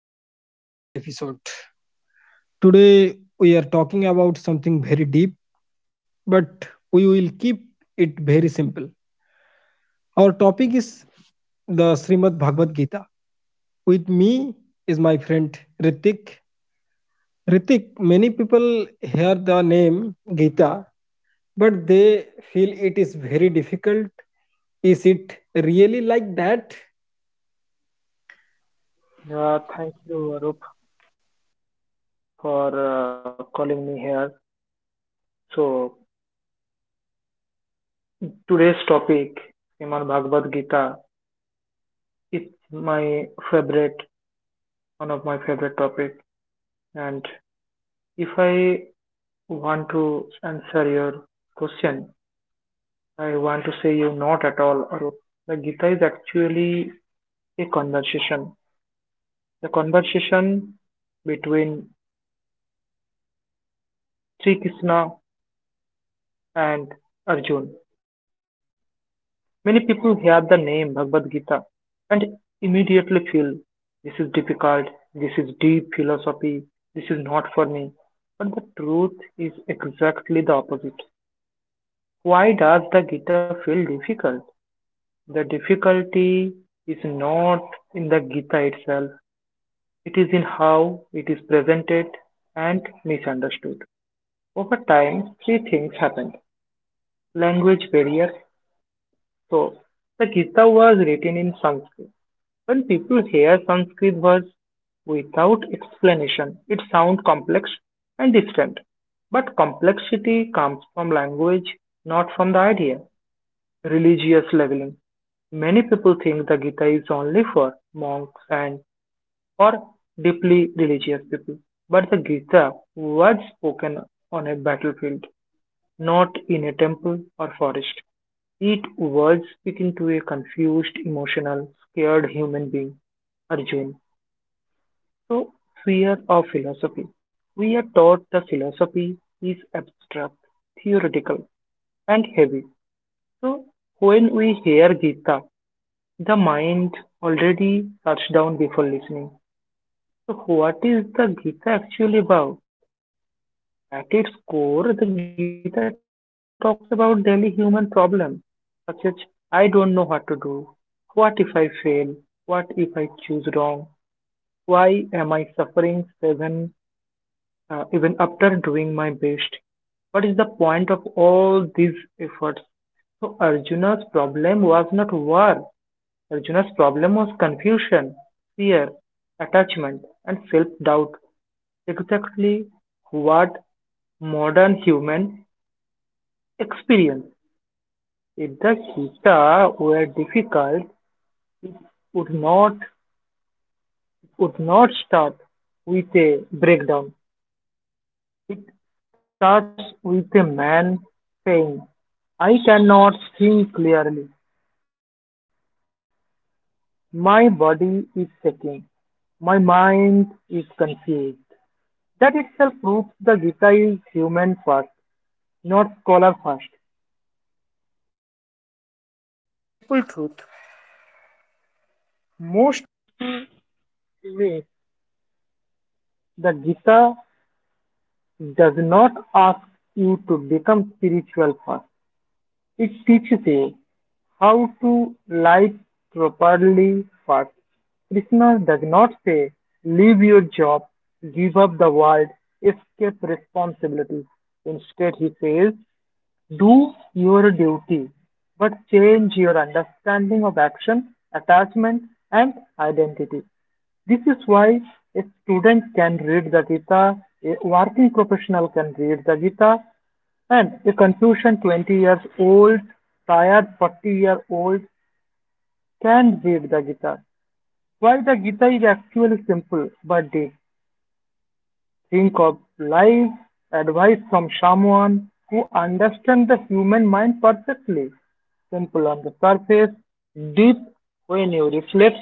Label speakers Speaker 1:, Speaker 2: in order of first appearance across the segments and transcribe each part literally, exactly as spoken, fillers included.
Speaker 1: welcome back to our another episode. Today we are talking about something very deep, but we will keep it very simple. Our topic is the Srimad Bhagavad Gita. With me is my friend Ritik. Ritik, many people hear the name Gita, but they feel it is very difficult. Is it really like that?
Speaker 2: Yeah, thank you, Arup, for uh, calling me here. So, today's topic, Srimad Bhagavad Gita, it's my favorite, one of my favorite topic. And if I want to answer your question, I want to say you not at all, Arup. The Gita is actually a conversation. The conversation between Sri Krishna and Arjun. Many people hear the name Bhagavad Gita and immediately feel this is this is deep philosophy, this is not for me. But the truth is exactly the opposite. Why does the Gita feel difficult? The difficulty is not in the Gita itself, it is in how it is presented and misunderstood. Over time, three things happened language barriers. So, the Gita was written in Sanskrit. When people hear Sanskrit words without explanation, it sounds complex and distant. But complexity comes from language, not from the idea. Religious leveling. Many people think the Gita is only for monks and or deeply religious people. But the Gita was spoken on a battlefield, not in a temple or forest. It was speaking to a confused, emotional, scared human being, Arjuna. So, sphere of philosophy. We are taught the philosophy is abstract, theoretical, and heavy. So, when we hear Gita, the mind already shuts down before listening. So, what is the Gita actually about? At its core, the Gita talks about daily human problems, such as I don't know what to do, what if I fail, what if I choose wrong, why am I suffering seven uh, even after doing my best. What is the point of all these efforts? So Arjuna's problem was not war. Arjuna's problem was confusion, fear, attachment, and self-doubt. Exactly what modern human experience. If the Gita were difficult, would not would not start with a breakdown. It starts with a man saying, "I cannot think clearly. My body is shaking, my mind is confused." That itself proves the Gita is human first, not scholar first. It teaches you how to live properly first. Krishna does not say, leave your job, give up the world, escape responsibility. Instead, he says, do your duty, but change your understanding of action, attachment, and identity. This is why a student can read the Gita, a working professional can read the Gita, and a Confucian twenty years old, tired forty year old can read the Gita. Why the Gita is actually simple but deep. Think of life advice from someone who understands the human mind perfectly. Simple on the surface, deep when you reflect,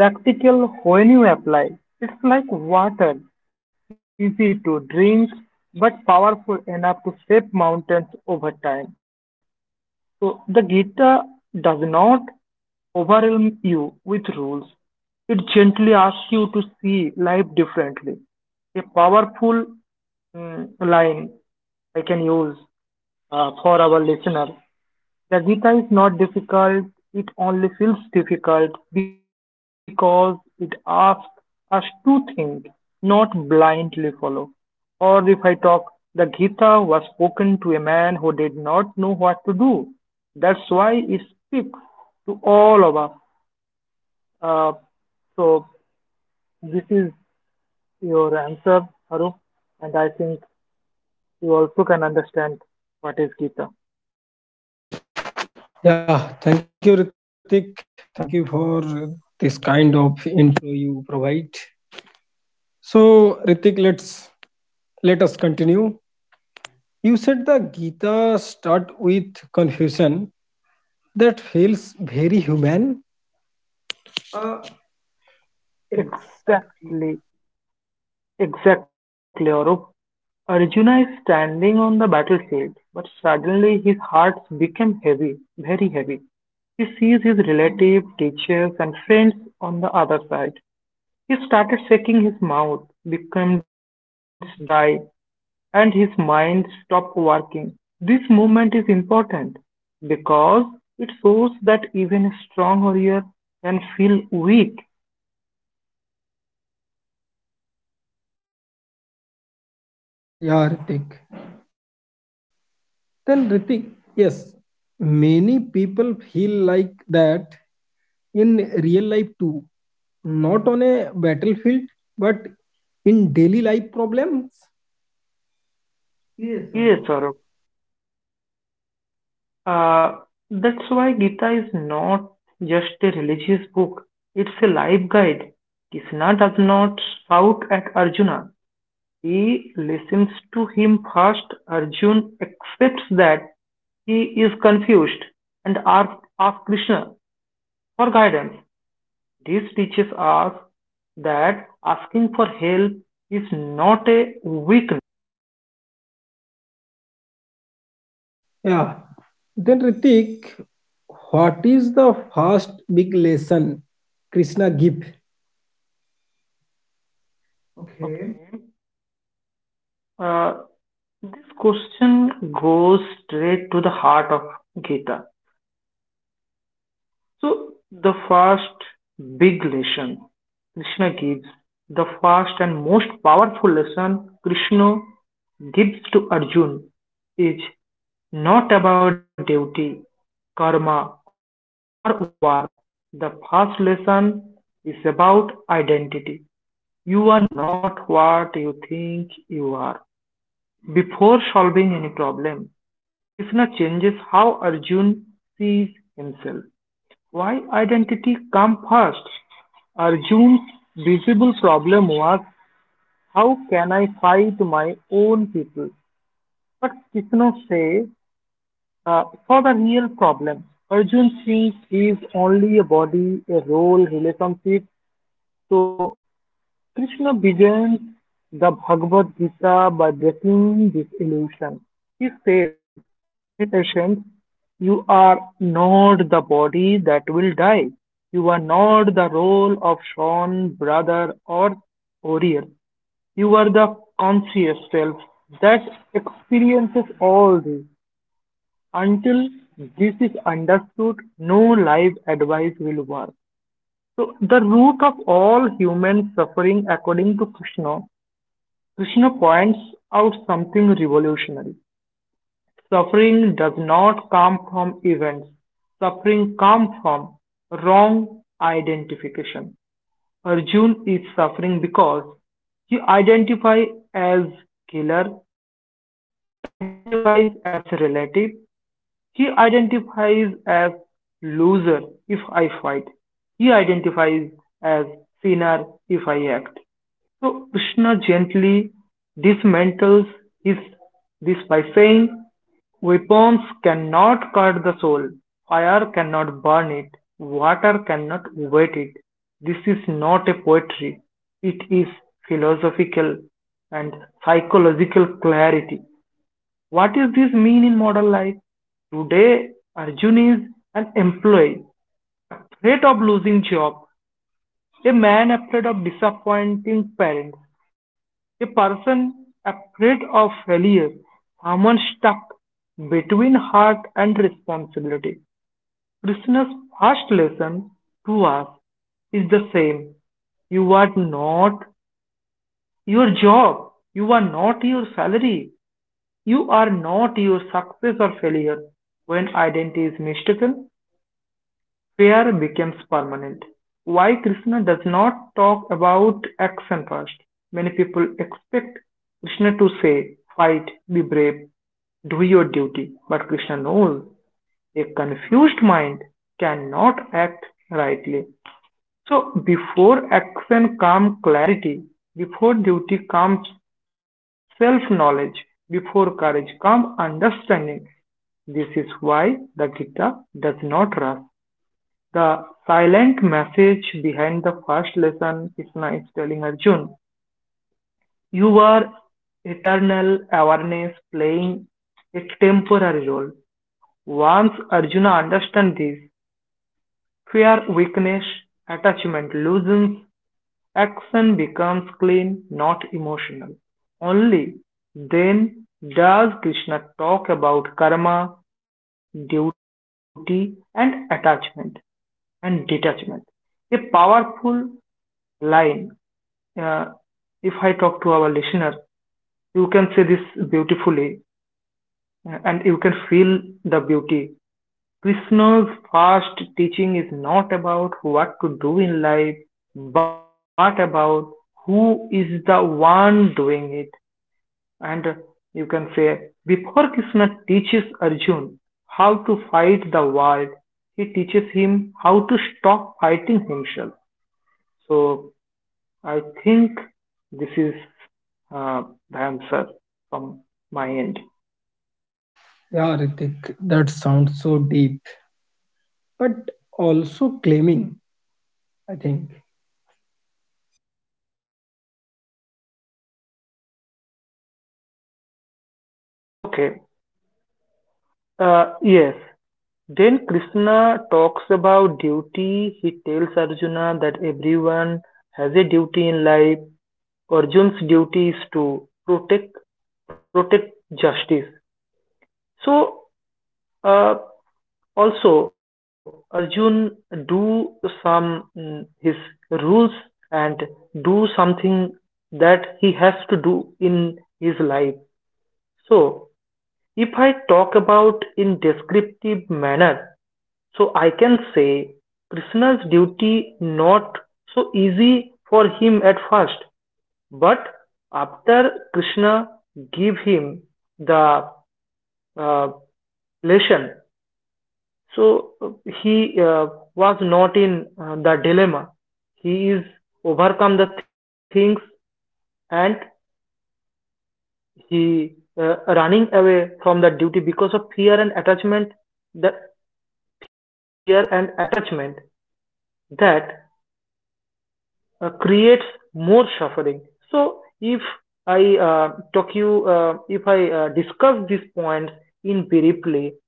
Speaker 2: practical when you apply. It's like water, easy to drink, but powerful enough to shape mountains over time. So the Gita does not overwhelm you with rules. It gently asks you to see life differently. A powerful mm, line I can use uh, for our listener. The Gita is not difficult, it only feels difficult because it asks us to think, not blindly follow. Or if I talk, the Gita was spoken to a man who did not know what to do. That's why it speaks to all of us. Uh, so this is your answer, Haru, and I think you also can understand what is Gita.
Speaker 1: Yeah, thank you, Ritik. Thank you for this kind of intro you provide. So, Ritik, let's let us continue. You said the Gita start with confusion. That feels very human. Uh,
Speaker 2: Exactly,
Speaker 1: exactly.
Speaker 2: exactly, Arup. Arjuna is standing on the battlefield, but suddenly his heart becomes heavy, very heavy. He sees his relatives, teachers, and friends on the other side. He started shaking his mouth, becomes dry, and his mind stopped working. This movement is important because it shows even a strong warrior can feel weak.
Speaker 1: Yeah, Ritik. Then Ritik, yes, many people feel like that in real life too, not on a battlefield, but in daily life problems.
Speaker 2: Yes, Saurabh. Uh, that's why Gita is not just a religious book, it's a life guide. Krishna does not shout at Arjuna, he listens to him first. Arjuna accepts that he is confused and asks, asks Krishna for guidance. This teaches us that asking for help is not a weakness.
Speaker 1: Yeah. Then Ritik, what is the first big lesson Krishna give?
Speaker 2: Okay.
Speaker 1: Okay.
Speaker 2: Uh, this question goes straight to the heart of Gita. So the first big lesson Krishna gives, the first and most powerful lesson Krishna gives to Arjun is not about duty, karma, or war. The first lesson is about identity. You are not what you think you are. Before solving any problem, Krishna changes how Arjun sees himself. Why identity came first? Arjun's visible problem was how can I fight my own people? But Krishna says, uh, for the real problem, Arjun thinks he is only a body, a role, relationship. So Krishna begins the Bhagavad Gita by breaking this illusion. He says, in essence, you are not the body that will die. You are not the role of Sean, brother, or warrior. You are the conscious self that experiences all this. Until is understood, no life advice will work. So, the root of all human suffering, according to Krishna, Krishna points out something revolutionary. Suffering does not come from events; suffering comes from wrong identification. Arjun is suffering because he identifies as killer, he identifies as relative, he identifies as "loser" if I fight, he identifies as "sinner" if I act. So Krishna gently dismantles his, this by saying, weapons cannot cut the soul, fire cannot burn it, water cannot wet it. This is not a poetry, it is philosophical and psychological clarity. What does this mean in modern life? Today, Arjun is an employee, afraid of losing job, a man afraid of disappointing parents, a person afraid of failure, someone stuck between heart and responsibility. Krishna's first lesson us is the same. You are not your job. You are not your salary. You are not your success or failure. When identity is mistaken, fear becomes permanent. Why Krishna does not talk about action first? Many people expect Krishna to say, fight, be brave, do your duty. But Krishna knows a confused mind cannot act rightly. So before action comes clarity, before duty comes self knowledge, before courage comes understanding, this is why the Gita does not rush; the silent message behind the first lesson Krishna is nice, telling Arjun. Your eternal awareness playing a temporary role. Once Arjuna understands this, fear, weakness, attachment loosens, action becomes clean, not emotional. Only then does Krishna talk about karma, duty, and attachment. And detachment. A powerful line. Uh, if I talk to our listener, you can say this beautifully uh, and you can feel the beauty. Krishna's first teaching is not about what to do in life, but about who is the one doing it. And you can before Krishna teaches Arjuna how to fight the world, he teaches him how to stop fighting himself. So I think this uh, the answer from my end.
Speaker 1: Yeah, Ritik, that sounds so deep, but also claiming, I think.
Speaker 2: Okay. Uh, yes. Then Krishna talks about duty. He tells Arjuna that everyone has a duty in life. Arjun's duty is to protect protect justice. So, uh, also, Arjun do some mm, his rules and do something that he has to do in his life. So, if I talk about in descriptive manner, so I can say Krishna's duty not so easy for him at first, but after Krishna give him the uh, lesson. So uh, he uh, was not in uh, the dilemma. He is overcome the things and he uh, running away from the duty because of fear and attachment. The fear and attachment that uh, creates more suffering. So if I uh, talk you, uh, if I uh, discuss these points in briefly,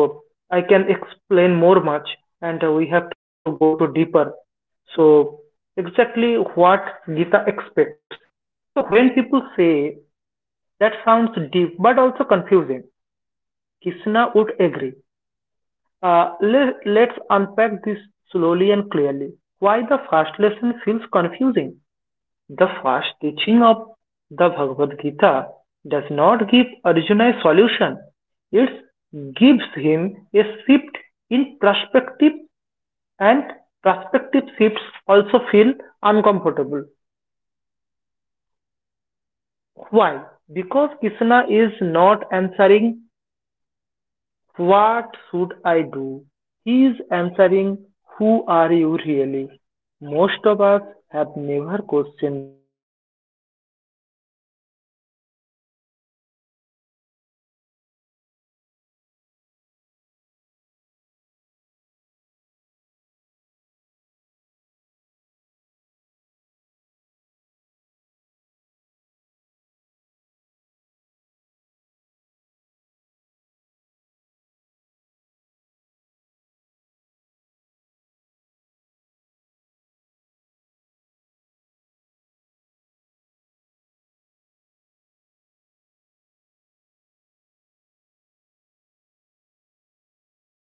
Speaker 2: so I can explain more much, and uh, we have to go to deeper. So exactly what Gita expects. So when people say that sounds deep but also confusing, Krishna would agree. Uh, let, let's unpack this slowly and clearly. Why the first lesson feels confusing? The first teaching of the Bhagavad Gita does not give Arjuna a solution, it gives him a shift in perspective, and perspective shifts also feel uncomfortable. Why? Because Krishna is not answering what should I do? He answering who are you really? Most of us have never questioned this. The real reason confusion arises. From childhood, we are trained to think, I am my body, I am my role, son, employee, husband, I am my success or failure. Krishna suddenly says, you are not any of these. You are the awareness experiencing them. This feels confusing because it removes familiar level. It does not give you a replacement identity immediately. So it's create a mental gap